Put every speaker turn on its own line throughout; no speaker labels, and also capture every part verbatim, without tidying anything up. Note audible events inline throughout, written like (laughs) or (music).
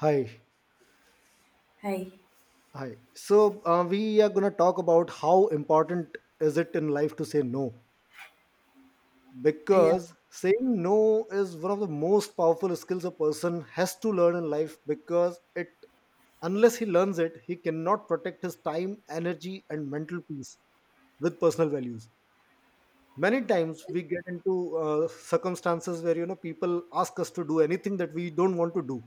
Hi,
Hi.
hi. So uh, we are going to talk about how important is it in life to say no,
Yeah,
because saying no is one of the most powerful skills a person has to learn in life. Because it, unless he learns it, he cannot protect his time, energy, and mental peace with personal values. Many times we get into uh, circumstances where you know people ask us to do anything that we don't want to do,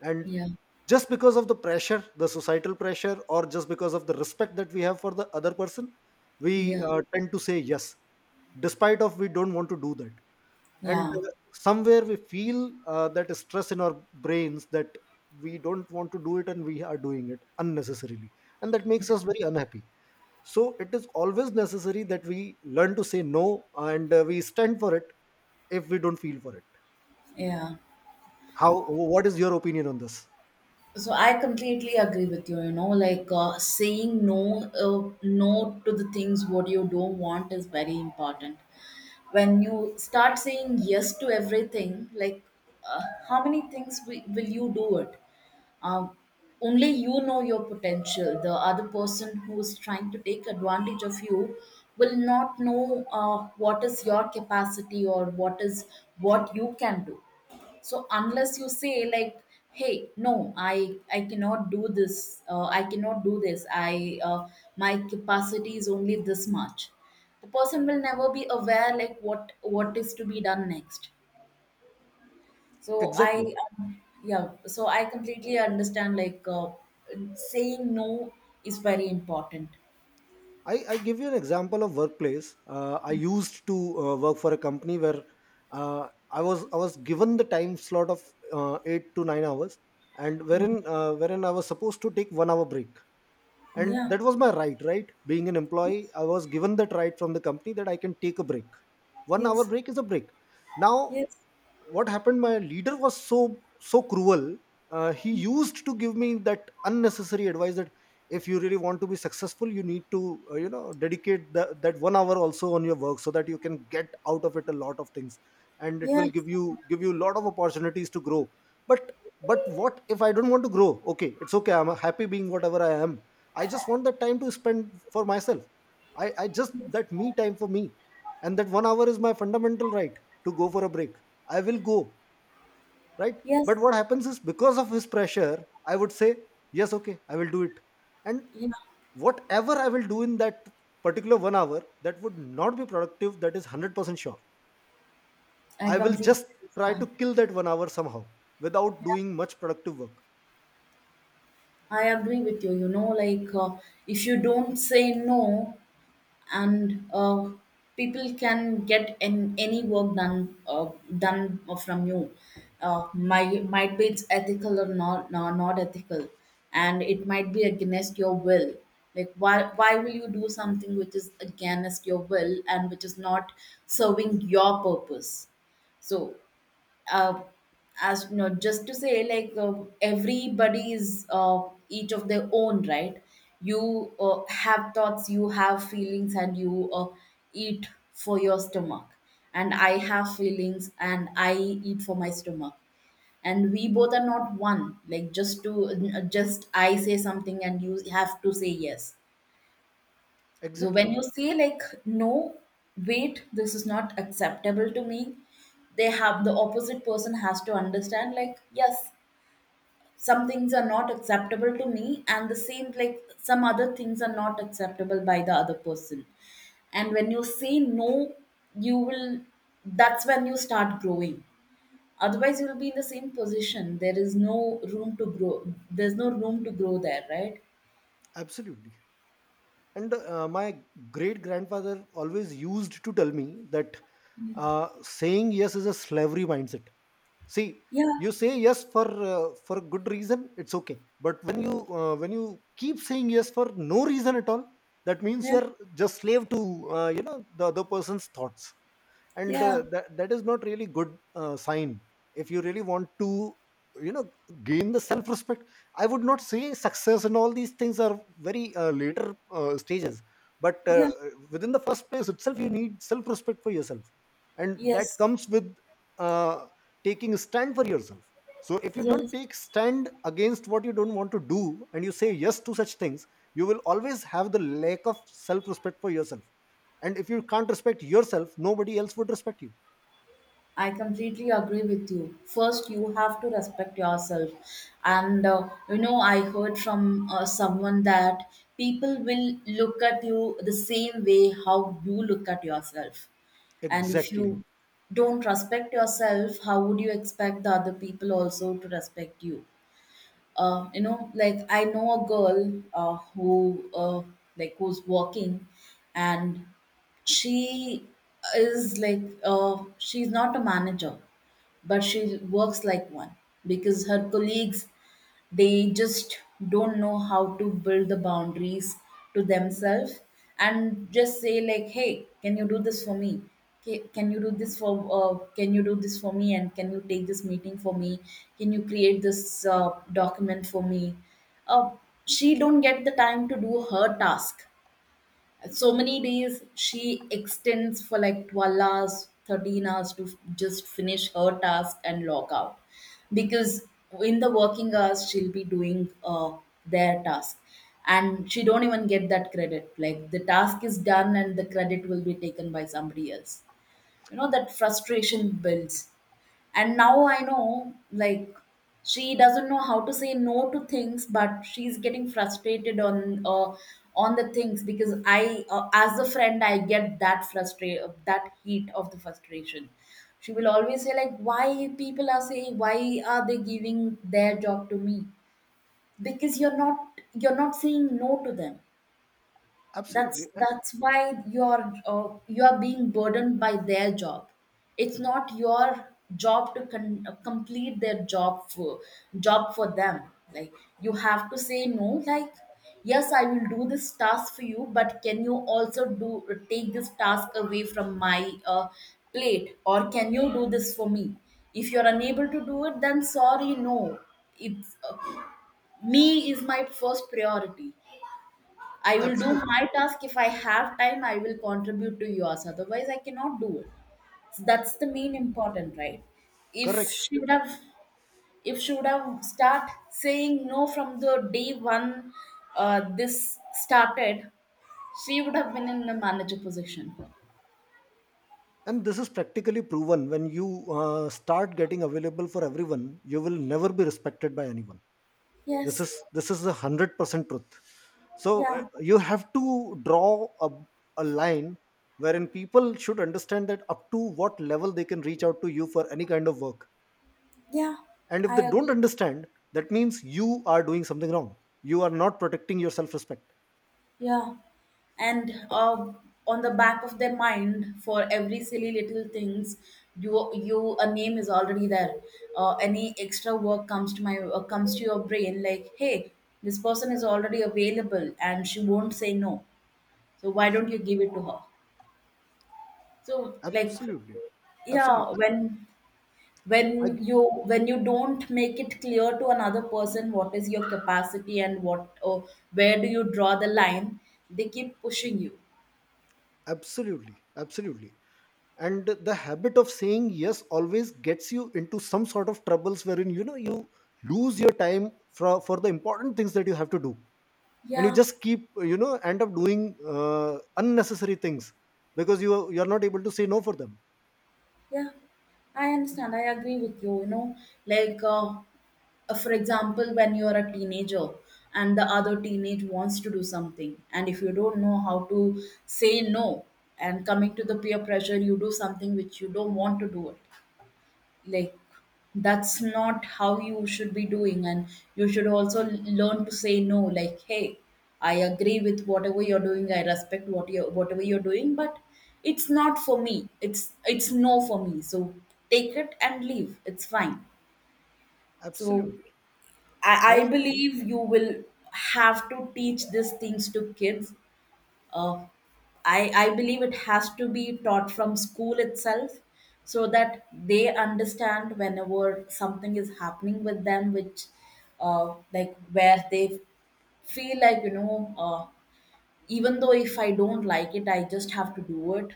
and
yeah,
just because of the pressure, the societal pressure, or just because of the respect that we have for the other person, we
yeah,
uh, tend to say yes despite of we don't want to do that. And
yeah,
uh, somewhere we feel uh, that stress in our brains that we don't want to do it and we are doing it unnecessarily, and that
yeah.
makes us very unhappy. So it is always necessary that we learn to say no, and uh, we stand for it if we don't feel for it.
Yeah.
How, what is your opinion on this?
So I completely agree with you. You know, like uh, saying no, uh, no to the things what you don't want is very important. When you start saying yes to everything, like uh, how many things wi- will you do it? Um, Only you know your potential. The other person who is trying to take advantage of you will not know uh, what is your capacity or what is what you can do. So unless you say like, hey, no, i i cannot do this, uh, I cannot do this I uh, My capacity is only this much. The person will never be aware like what what is to be done next. So I
Exactly.
um, yeah, so I completely understand, like uh, saying no is very important.
i, I give you an example of workplace. Uh, i used to uh, work for a company where uh, i was i was given the time slot of uh, eight to nine hours, and
Mm.
wherein uh, wherein I was supposed to take one hour break. And
Yeah,
that was my right, right? Being an employee, I was given that right from the company that I can take a break. One hour
yes,
break is a break. Now,
yes,
what happened, my leader was so so cruel. Uh, he used to give me that unnecessary advice that if you really want to be successful, you need to uh, you know dedicate the, that one hour also on your work so that you can get out of it a lot of things, and it will
yes,
give you give you a lot of opportunities to grow. but but what if I don't want to grow? Okay, it's okay, I'm happy being whatever I am. I just want that time to spend for myself. I i just that me time for me. And that one hour is my fundamental right to go for a break. I will go, right?
yes,
But what happens is because of his pressure, I would say yes, okay, I will do it. And
yeah,
whatever I will do in that particular one hour, that would not be productive, that is one hundred percent sure.
I
I will
completely
just try to
understand.
kill that one hour somehow without
Yeah.
doing much productive work.
I agree with you. You know, like uh, if you don't say no, and uh, people can get an, any work done uh, done from you. Uh, might might be it's ethical or not, no, not ethical, and it might be against your will. Like why why will you do something which is against your will and which is not serving your purpose? So uh, as you know, just to say, like uh, everybody is uh, each of their own, right? You uh, have thoughts, you have feelings, and you uh, eat for your stomach. And I have feelings, and I eat for my stomach. And we both are not one. Like just to just I say something, and you have to say yes. So when
Exactly
you say like, no, wait, this is not acceptable to me, they have the opposite person has to understand like, yes, some things are not acceptable to me, and the same like some other things are not acceptable by the other person. And when you say no, you will that's when you start growing. Otherwise, you will be in the same position. There is no room to grow. There's no room to grow there, right?
absolutely And uh, my great grandfather always used to tell me that uh, saying yes is a slavery mindset. See,
Yeah,
you say yes for uh, for a good reason, it's okay. But when you uh, when you keep saying yes for no reason at all, that means
yeah,
you are just slave to uh, you know the other person's thoughts and uh,
yeah,
that that is not really good uh, sign if you really want to you know gain the self respect I would not say success and all these things are very uh, later uh, stages but uh,
yeah.
within the first place itself you need self respect for yourself and that
Yes.
comes with uh, taking a stand for yourself so if you don't
Yes,
take stand against what you don't want to do and you say yes to such things you will always have the lack of self respect for yourself and if you can't respect yourself nobody else would respect you
I completely agree with you. First, you have to respect yourself. And uh, you know, I heard from uh, someone that people will look at you the same way how you look at yourself. And if
Exactly.
you don't respect yourself, how would you expect the other people also to respect you? Uh, you know like I know a girl, uh, who uh, like, who's working, and she is like uh, she's not a manager but she works like one, because her colleagues they just don't know how to build the boundaries to themselves, and just say like, hey, can you do this for me? Ca- can you do this for uh, can you do this for me, and can you take this meeting for me, can you create this uh, document for me? uh, she don't get the time to do her task. So many days she extends for like twelve hours, thirteen hours to f- just finish her task and log out, because in the working hours she'll be doing uh, their task, and she don't even get that credit, like the task is done and the credit will be taken by somebody else. You know, that frustration builds. And now I know, like, she doesn't know how to say no to things, but she's getting frustrated on uh, on the things, because I uh, as a friend I get that frustra- that heat of the frustration. She will always say like, why people are saying, why are they giving their job to me? Because you're not, you're not saying no to them. That's
Absolutely. A-
that's why you're uh, you're being burdened by their job. It's not your job to con- uh, complete their job for job for them. Like, you have to say no, like, yes, I will do this task for you, but can you also do take this task away from my uh, plate, or can you do this for me? If you're unable to do it, then sorry, no. it's uh, Me is my first priority. I will do
Absolutely.
my task. If I have time, I will contribute to yours. Otherwise, I cannot do it. So that's the main important, right? If
Correct.
she would have, if she would have start saying no from the day one, uh, this started, she would have been in a manager position.
And this is practically proven: when you uh, start getting available for everyone, you will never be respected by anyone. this
Yes.
is this is a one hundred percent truth. So uh,
Yeah.
you have to draw a, a line wherein people should understand that up to what level they can reach out to you for any kind of work.
Yeah.
And if
I
they don't
agree.
understand, that means you are doing something wrong, you are not protecting your self respect.
Yeah, and uh, on the back of their mind, for every silly little things, you you a name is already there. Uh, any extra work comes to my uh, comes to your brain like, hey, this person is already available and she won't say no. So why don't you give it to her? So like,
Absolutely. Absolutely.
yeah, when
I,
when you, when you don't make it clear to another person what is your capacity and what or where do you draw the line, they keep pushing you.
absolutely. Absolutely. And the habit of saying yes always gets you into some sort of troubles wherein you know you lose your time for, for the important things that you have to do. And you
Yeah,
just keep, you know, end up doing uh, unnecessary things because you are, you are not able to say no for them.
yeah, I understand. I agree with you. You know, like uh, uh, for example, when you're a teenager and the other teenage wants to do something, and if you don't know how to say no, and coming to the peer pressure, you do something which you don't want to do it. Like, that's not how you should be doing. And you should also l- learn to say no, like, hey, I agree with whatever you're doing, I respect what you whatever you're doing, but it's not for me, it's it's no for me. So take it and leave, it's fine. So
Absolutely.
i,
I
I believe you will have to teach these things to kids. uh, I, I believe it has to be taught from school itself, so that they understand whenever something is happening with them which, uh, like, where they feel like, you know uh, even though if I don't like it, I just have to do it.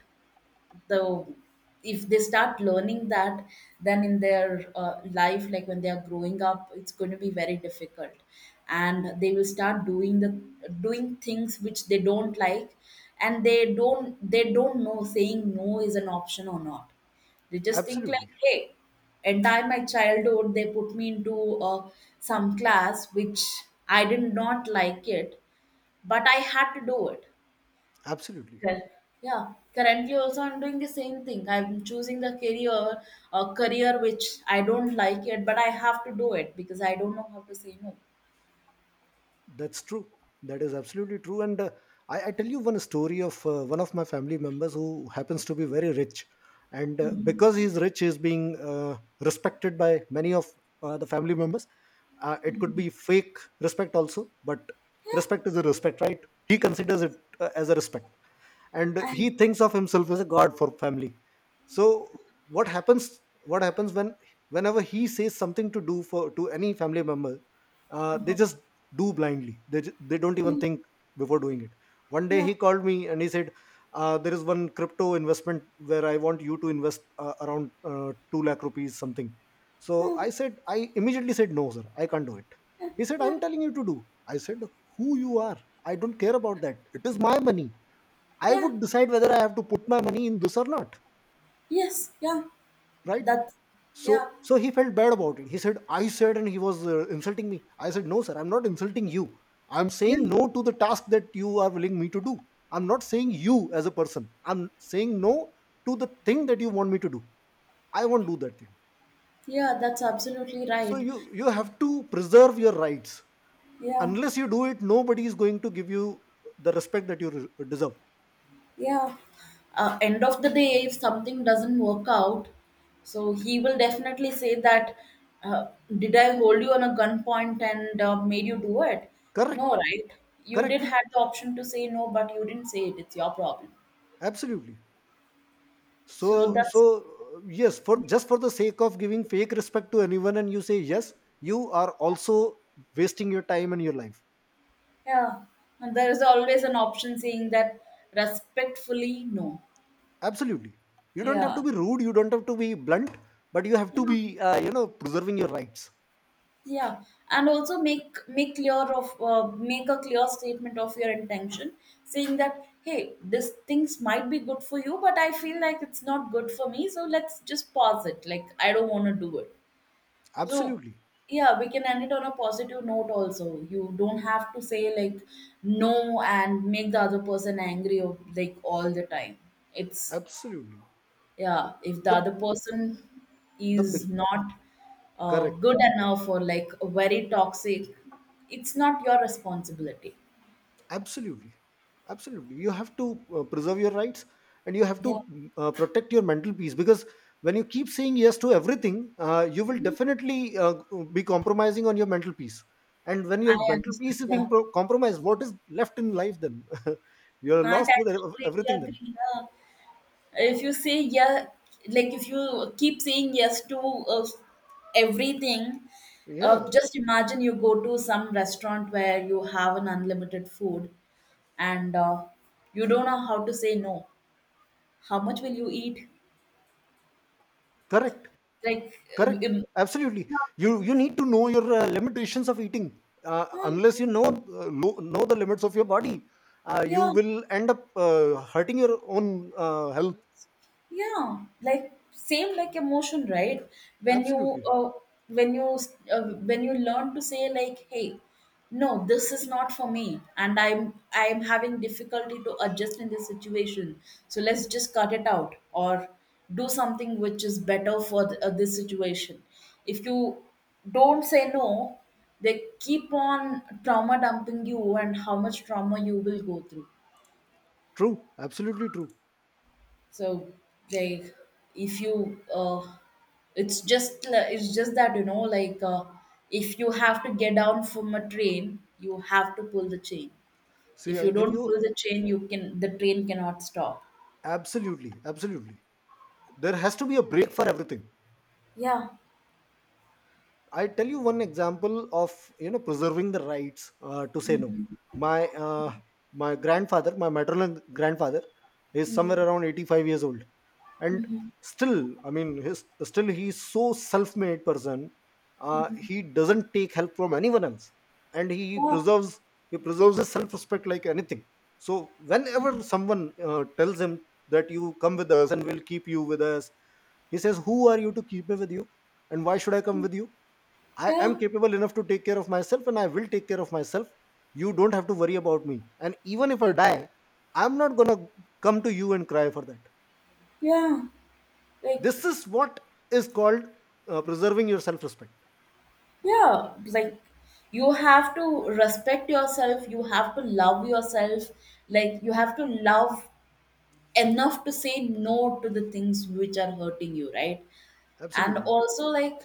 The If they start learning that, then in their uh, life, like when they are growing up, it's going to be very difficult, and they will start doing the doing things which they don't like, and they don't, they don't know saying no is an option or not. They just think like,
absolutely.
hey, entire my childhood they put me into uh, some class which I did not like it but I had to do it.
Absolutely.
Correct. Yeah, currently also I'm doing the same thing. I'm choosing the career, a career which I don't like it, but I have to do it because I don't know how to say no.
That's true. That is absolutely true. And uh, I, I tell you one story of uh, one of my family members who happens to be very rich. And uh,
Mhm.
because he's rich, he's being uh, respected by many of uh, the family members. Uh, it could be fake respect also, but respect is a respect, right? He considers it uh, as a respect, and he thinks of himself as a god for family. So what happens what happens when whenever he says something to do for to any family member, uh, they just do blindly. they, ju- they don't even
Mm.
think before doing it. One day
Yeah.
he called me and he said, uh, "There is one crypto investment where I want you to invest uh, around uh, two lakh rupees something." So
Oh,
I said, I immediately said, "No sir, I can't do it." He said, "I'm telling you to do." I said, "Who you are? I don't care about that. It is my money. I
yeah.
would decide whether I have to put my money in this or not,
Yes. Yeah.
right?"
That's,
So,
yeah.
so he felt bad about it. He said, "I said," and he was uh, insulting me. I said, "No, sir, I'm not insulting you. I'm
Yeah,
saying no to the task that you are willing me to do. I'm not saying you as a person. I'm saying no to the thing that you want me to do. I won't do that thing."
yeah, that's absolutely
So
right.
you you have to preserve your rights.
Yeah.
Unless you do it, nobody is going to give you the respect that you re- deserve.
Yeah. Uh, end of the day, if something doesn't work out, so he will definitely say that, uh, did I hold you on a gunpoint and uh, made you do it? No,
Correct.
right? You did
Correct.
have the option to say no, but you didn't say it. It's your problem.
Absolutely.
So
So,
that's,
so uh, yes, for just for the sake of giving fake respect to anyone, and you say yes, you are also wasting your time and your life.
yeah. And there is always an option saying that respectfully, no.
Absolutely, you don't have to
Yeah.
be rude, you don't have to be blunt, but you have to be, uh, you know, preserving your rights.
Yeah, and also make make clear of uh, make a clear statement of your intention, saying that, hey, these things might be good for you but I feel like it's not good for me, so let's just pause it, like, I don't want to do it. So
Absolutely,
yeah, we can end it on a positive note also. You don't have to say like no and make the other person angry, or like all the time it's,
absolutely.
yeah, if the
The
other person
the big
is not uh,
correct
good enough or like very toxic, it's not your responsibility.
absolutely absolutely. You have to uh, preserve your rights, and you have to
Yeah.
mm, uh, protect your mental peace, because when you keep saying yes to everything, uh, you will definitely uh, be compromising on your mental peace. And when
I
your mental
understand,
peace is
yeah.
being pro- compromised, what is left in life then? (laughs) You're
i, I
lost with ev-
completely
everything then.
agree, yeah. If you say yeah, like if you keep saying yes to uh, everything,
Yeah,
uh, just imagine you go to some restaurant where you have an unlimited food, and uh, you don't know how to say no, how much will you eat?
correct.
Like,
Correct.
um,
Absolutely. You you need to know your uh, limitations of eating. Uh,
Hmm,
unless you know, uh, lo- know the limits of your body, uh, you
yeah,
will end up uh, hurting your own uh, health.
yeah, like same like emotion, right? When you
Absolutely
uh, when you uh, when you learn to say like, hey, no, this is not for me, and I'm I'm having difficulty to adjust in this situation. So let's just cut it out, or do something which is better for th- uh, this situation. If you don't say no, they keep on trauma dumping you, and how much trauma you will go through.
true. Absolutely true.
So like, if you, uh, it's just li- it's just that, you know, like uh, if you have to get down from a train, you have to pull the chain.
See,
If
I
you
give
don't
you
pull the chain, you can the train cannot stop.
absolutely absolutely, there has to be a break for everything.
Yeah,
I tell you one example of you know preserving the rights uh, to say no. My uh, my grandfather, my maternal grandfather, is somewhere around eighty-five years old, and still, I mean, his, still he's so self-made person. Uh, he doesn't take help from anyone else, and he
yeah,
preserves he preserves his self-respect like anything. So whenever someone uh, tells him that you come with us and we'll keep you with us, he says, "Who are you to keep me with you, and why should I come with you? I am
yeah,
capable enough to take care of myself, and I will take care of myself. You don't have to worry about me. And even if I die, I'm not going to come to you and cry for that."
yeah.
This
Like,
is what is called uh, preserving your self respect.
yeah, like you have to respect yourself, you have to love yourself, like you have to love enough to say no to the things which are hurting you, right? And
Absolutely.
also like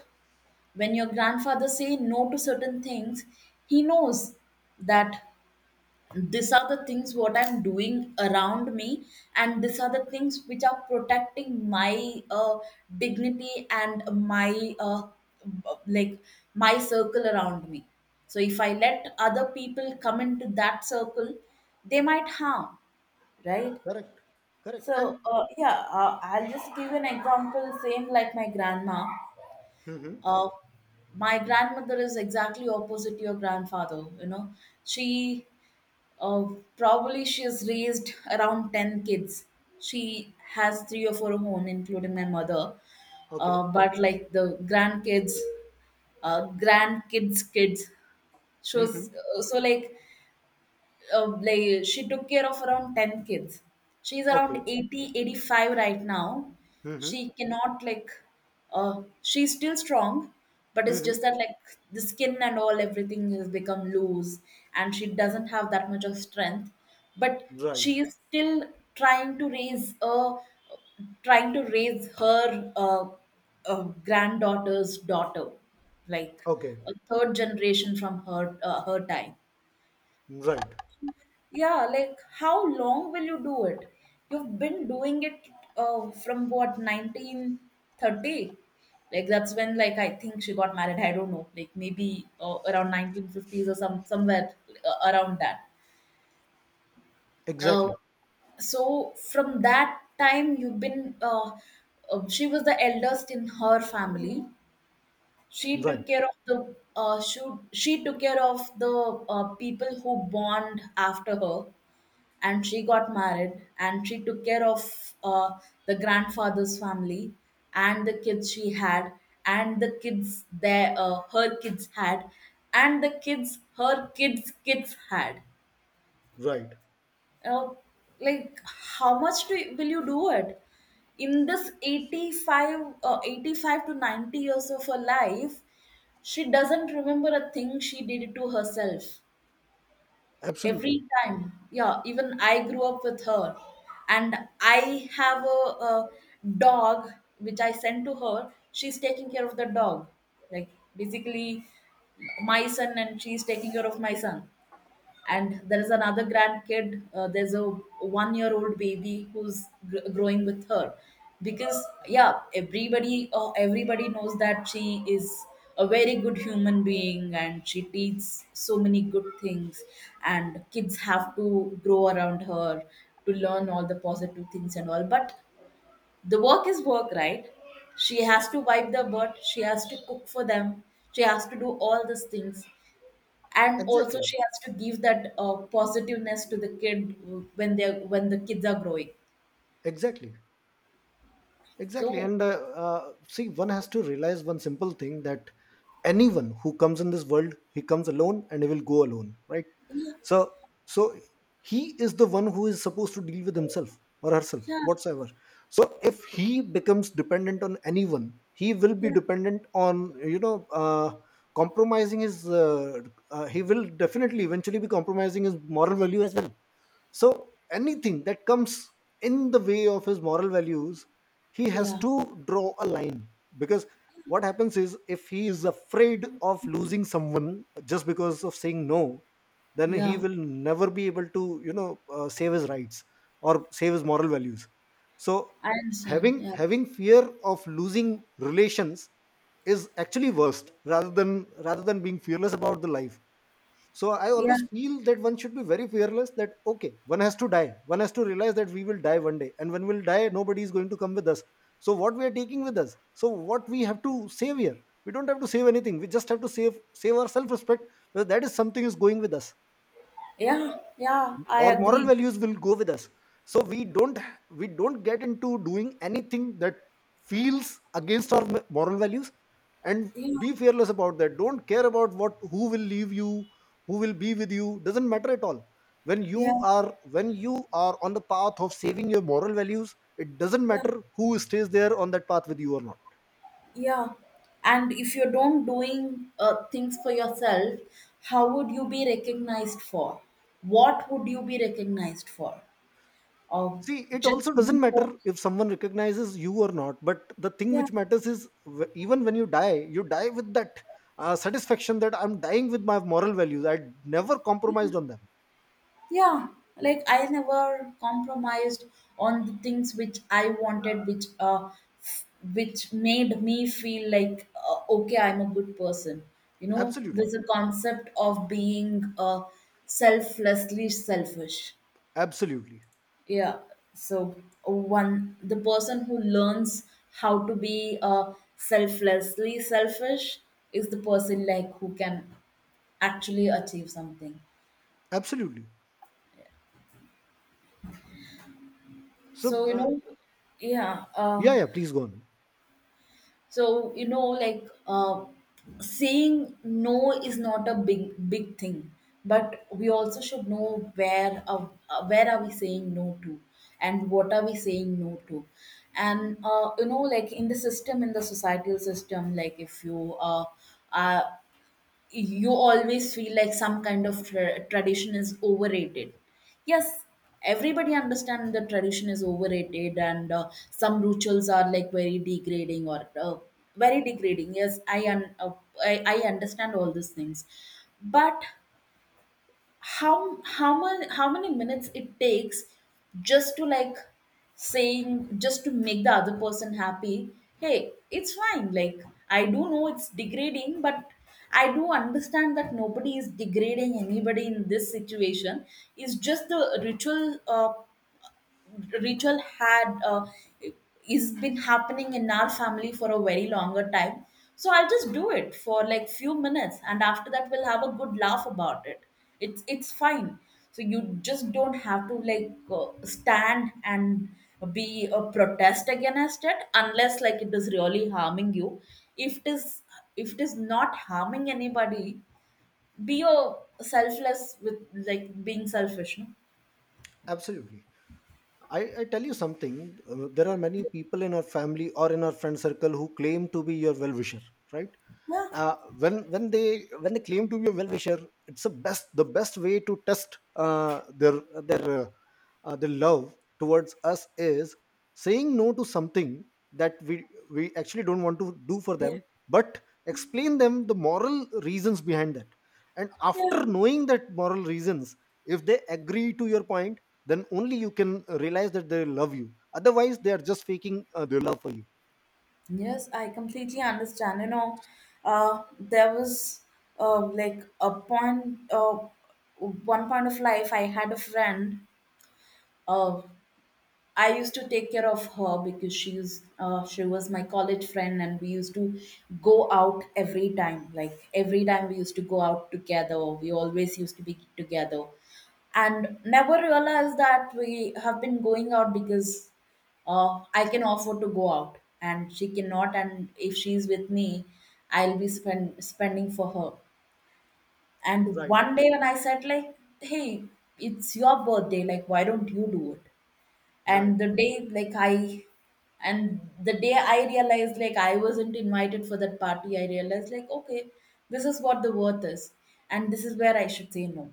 when your grandfather say no to certain things, he knows that these are the things what I'm doing around me, and these are the things which are protecting my uh, dignity and my uh, like my circle around me. So if I let other people come into that circle, they might harm, right?
Correct. Correct.
So
And,
uh, yeah, uh, I'll just give an example same like my grandma.
hmm.
uh, my grandmother is exactly opposite your grandfather, you know. She, uh, probably she has raised around ten kids. She has three of her own, including my mother.
Okay.
Uh, but like the grandkids, uh, grandkids kids
Hmm.
shows. So like, uh, like she took care of around ten kids. She's around
Okay.
eighty, eighty-five right now.
Hmm.
She cannot like, uh, she's still strong, but it's just
Hmm.
that like the skin and all everything has become loose, and she doesn't have that much of strength, but
Right.
she is still trying to raise a trying to raise her uh, uh, granddaughter's daughter, like
Okay.
a third generation from her uh, her time.
Right.
Yeah, like how long will you do it? You've been doing it uh, from what, nineteen thirty? Like that's when like I think she got married. I don't know, like maybe uh, around nineteen fifties or some somewhere uh, around that. Uh,
Exactly.
so from that time you've been uh, uh, she was the eldest in her family. She
Right.
took care of the uh, she, she took care of the uh, people who born after her, and she got married and she took care of uh, the grandfather's family and the kids she had and the kids their uh, her kids had and the kids her kids kids had.
Right.
uh, like how much do you, will you do it? In this eighty-five, uh, eighty-five to ninety years of her life she doesn't remember a thing she did to herself every
Absolutely.
time. Yeah, even I grew up with her. And I have a, a dog which I sent to her. She's taking care of the dog, like basically my son. And she's taking care of my son, and there is another grandkid, uh, there's a one year old baby who's gr- growing with her. Because yeah, everybody, uh, everybody knows that she is a very good human being and she teaches so many good things, and kids have to grow around her to learn all the positive things and all. But the work is work, right? She has to wipe the butt, she has to cook for them, she has to do all these things. And also
Exactly.
she has to give that uh, positiveness to the kid when they when the kids are growing.
Exactly. Exactly.
So
And uh, uh, see, one has to realize one simple thing: that anyone who comes in this world, he comes alone and he will go alone, right?
yeah,
So, so he is the one who is supposed to deal with himself or herself,
yeah,
whatsoever. So, if he becomes dependent on anyone, he will be
yeah,
dependent on, you know, uh, compromising his, uh, uh, he will definitely eventually be compromising his moral value as well. So anything that comes in the way of his moral values, he has
yeah,
to draw a line, because what happens is if he is afraid of losing someone just because of saying no, then he
yeah,
will never be able to you know uh, save his rights or save his moral values. So
I understand,
having
yeah,
having fear of losing relations is actually worst rather than rather than being fearless about the life. So I
yeah,
always feel that one should be very fearless, that okay, one has to die, one has to realize that we will die one day, and when we'll die nobody is going to come with us. So what we are taking with us? So what we have to save here? We don't have to save anything, we just have to save save our self respect, because that is something is going with us.
yeah, yeah, I
Our moral
agree,
values will go with us. So we don't, we don't get into doing anything that feels against our m- moral values. And
yeah,
be fearless about that. Don't care about what, who will leave you, who will be with you, doesn't matter at all. When you
yeah,
are, when you are on the path of saving your moral values, it doesn't
yeah,
matter who stays there on that path with you or not.
yeah. And if you don't doing uh, things for yourself, how would you be recognized for? What would you be recognized for? Or
See, it
just
also doesn't
you know,
matter if someone recognizes you or not, but the thing
yeah,
which matters is, w- even when you die, you die with that uh, satisfaction that I'm dying with my moral values. I never compromised on them.
yeah, like I never compromised on the things which I wanted, which uh f- which made me feel like, uh, okay, I'm a good person. You know, there's
Absolutely.
a concept of being uh selflessly selfish.
Absolutely.
Yeah. So one the person who learns how to be uh selflessly selfish is the person like who can actually achieve something.
Absolutely. So,
So you
uh,
know, yeah
yeah,
uh
yeah, please go on.
so you know like uh, saying no is not a big big thing, but we also should know where uh, uh, where are we saying no to and what are we saying no to. And uh, you know like in the system, in the societal system, like if you uh, are, you always feel like some kind of tra- tradition is overrated. Yes, everybody understand the tradition is overrated, and uh, some rituals are like very degrading or uh, very degrading, yes I un- uh, I, I understand all these things. But how how many, how many minutes it takes, just to like saying, just to make the other person happy, hey it's fine, like I do know it's degrading, but I do understand that nobody is degrading anybody in this situation. It's just the ritual, uh, ritual had, uh, is been happening in our family for a very longer time. So I'll just do it for like few minutes, and after that we'll have a good laugh about it. it's it's fine. So you just don't have to like, uh, stand and be a protest against it unless like it is really harming you. If it is, if it is not harming anybody, be a selfless with like being selfish.
Absolutely. I, I tell you something. Uh, there are many people in our family or in our friend circle who claim to be your well wisher, right? Uh, when when they when they claim to be a well wisher, it's the best the best way to test uh, their their uh, uh, their love towards us is saying no to something that we we actually don't want to do for them, but explain them the moral reasons behind that. And after
No?
knowing that moral reasons, if they agree to your point, then only you can realize that they love you, otherwise they are just faking uh, their love for you.
Yes, I completely understand. You know, uh, there was, uh, like a point, uh, one point of life. I had a friend. Uh, I used to take care of her because she's uh, she was my college friend, and we used to go out every time. Like every time we used to go out together. We always used to be together, and never realized that we have been going out because uh, I can offer to go out and she cannot. And if she's with me, I'll be spend, spending for her. And
Right,
one day when I said like, hey, it's your birthday. Like why don't you do it? And
right,
the day like I and the day I realized like I wasn't invited for that party, I realized like, okay, this is what the worth is, and this is where I should say no.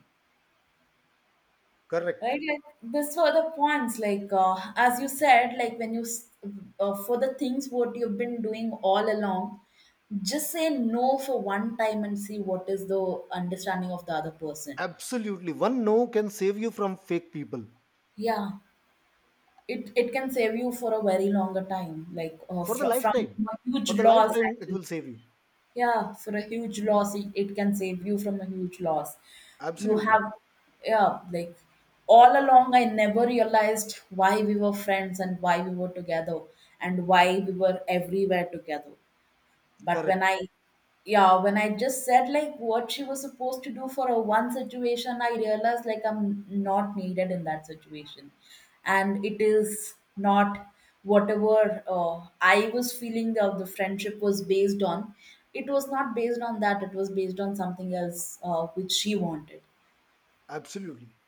correct.
Right, like this were the points, like uh, as you said, like when you s- uh, for the things what you've been doing all along, just say no for one time and see what is the understanding of the other person.
Absolutely. One no can save you from fake people
Yeah, it it can save you for a very longer time, like uh,
for the
fr- from
lifetime.
a huge
For the
loss
lifetime, it
actually.
will save you.
Yeah, for a huge loss, it, it can save you from a huge loss. You
Absolutely.
have, yeah, like all along I never realized why we were friends and why we were together and why we were everywhere together, but when
Correct.
I, yeah, when I just said like what she was supposed to do for a one situation, I realized like I'm not needed in that situation. And it is not whatever, uh, I was feeling the, the friendship was based on, it was not based on that, it was based on something else, uh, which she wanted.
Absolutely.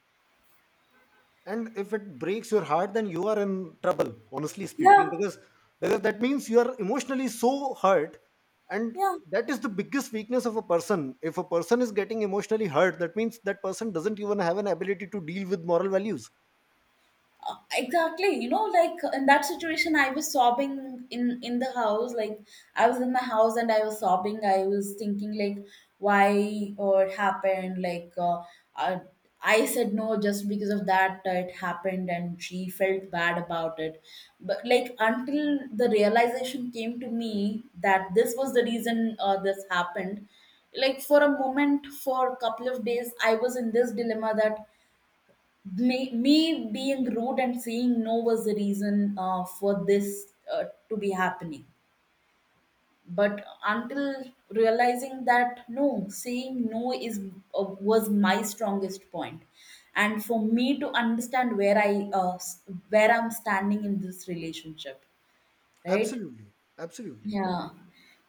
And if it breaks your heart, then you are in trouble, honestly
Yeah,
speaking, because, because that means you are emotionally so hurt. And
yeah.
that is the biggest weakness of a person. If a person is getting emotionally hurt, that means that person doesn't even have an ability to deal with moral values.
Uh, exactly, you know, like in that situation I was sobbing in in the house, like I was in my house and I was sobbing, I was thinking like why or it happened, like uh, uh, I said no just because of that, uh, it happened and she felt bad about it. But like until the realization came to me that this was the reason, uh, this happened, like for a moment, for a couple of days I was in this dilemma that me, me being rude and saying no was the reason, uh, for this uh, to be happening. But until realizing that no, saying no is, uh, was my strongest point, and for me to understand where I uh, s- where I'm standing in this relationship, right?
Absolutely. Absolutely.
Yeah.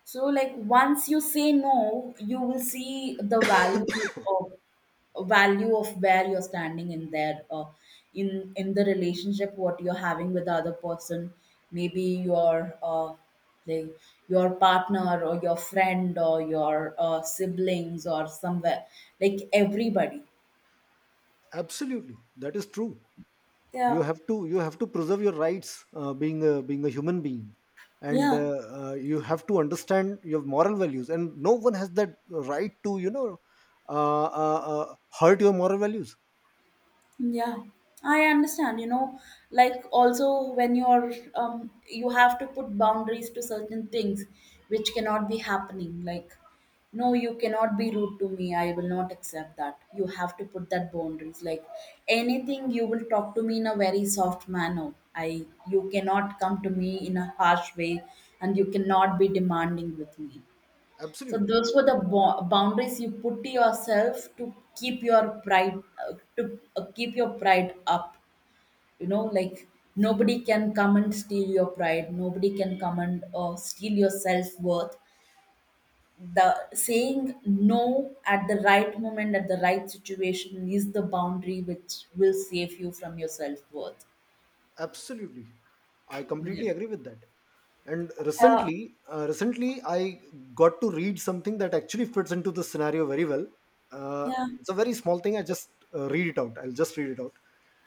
So, like, once you say no, you will see the value of value of where you're standing in there, uh, in in the relationship what you're having with the other person, maybe your uh, like your partner or your friend or your uh, siblings or somewhere, like everybody.
Absolutely. That is true. You
Yeah,
have to, you have to preserve your rights, uh, being a, being a human being, and uh,
yeah.
uh, you have to understand your moral values, and no one has that right to, you know, uh, uh, uh, hurt your moral values.
Yeah, I understand. You know, like also when you're um, you have to put boundaries to certain things which cannot be happening. Like, no, you cannot be rude to me. I will not accept that. You have to put that boundaries. Like anything, you will talk to me in a very soft manner. I You cannot come to me in a harsh way, and you cannot be demanding with me. So
Absolutely.
those were the bo- boundaries you put to yourself to keep your pride, uh, to uh, keep your pride up. You know, like nobody can come and steal your pride. Nobody can come and uh, steal your self worth. The saying no at the right moment at the right situation is the boundary which will save you from your self worth.
Absolutely. I
Yeah.
completely agree with that. And
Yeah.
recently, uh, recently I got to read something that actually fits into this scenario very well. Uh,
Yeah.
it's a very small thing. I just uh, read it out. I'll just read it out.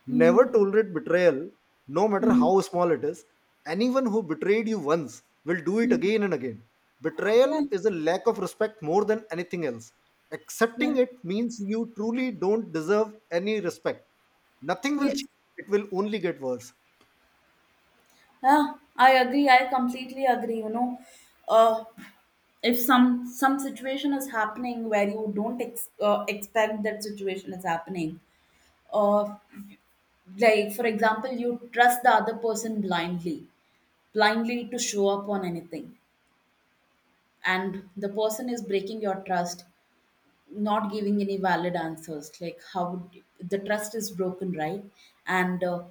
Never
Mm-hmm.
tolerate betrayal, no matter
Mm-hmm.
how small it is. Anyone who betrayed you once will do it again and again. Betrayal
Yeah.
is a lack of respect more than anything else. Accepting
Yeah.
it means you truly don't deserve any respect. Nothing will change,
Yes.
it will only get worse.
Yeah. I agree. I completely agree. You know, uh, if some some situation is happening where you don't ex- uh, expect that situation is happening, uh, like for example you trust the other person blindly, blindly to show up on anything, and the person is breaking your trust, not giving any valid answers, like how would the trust is broken, right? And uh,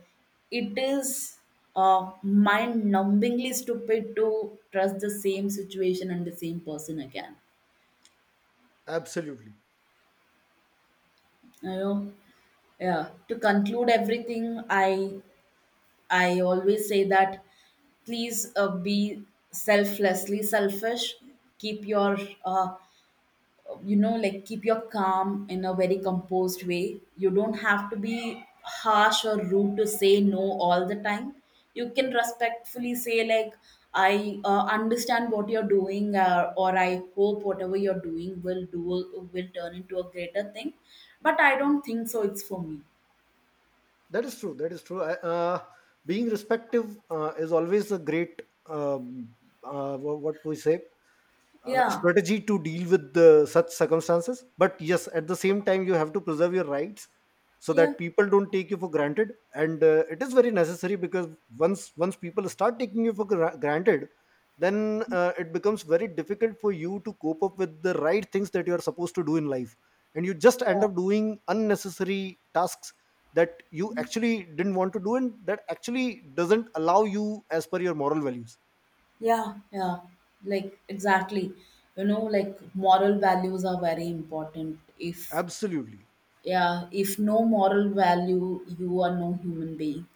it is, uh, mind numbingly stupid to trust the same situation and the same person again,
Absolutely,
you know. Yeah. To conclude everything, I I always say that, please uh, be selflessly selfish. Keep your uh, you know like keep your calm in a very composed way. You don't have to be harsh or rude to say no all the time. You can respectfully say like I uh, understand what you're doing, uh, or I hope whatever you're doing will do, will turn into a greater thing. But I don't think so. It's for me.
that is true. That is true. I, uh, being respective uh, is always a great um, uh, wha- what we say uh,
Yeah.
strategy to deal with the, such circumstances. But yes, at the same time you have to preserve your rights, so
Yeah,
that people don't take you for granted. And uh, it is very necessary, because once, once people start taking you for gra- granted, then uh, it becomes very difficult for you to cope up with the right things that you are supposed to do in life, and you just end up doing unnecessary tasks that you actually didn't want to do, and that actually doesn't allow you as per your moral values.
yeah, yeah. Like exactly. You know, like moral values are very important. If
Absolutely.
yeah, if no moral value, you are no human being.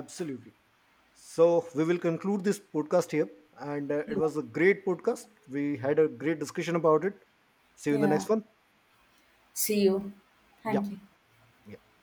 Absolutely. So we will conclude this podcast here. And uh, it
Yeah.
was a great podcast. We had a great discussion about it. See you in the
Yeah.
next one.
See you.
Yeah.
Thank you.
Yeah.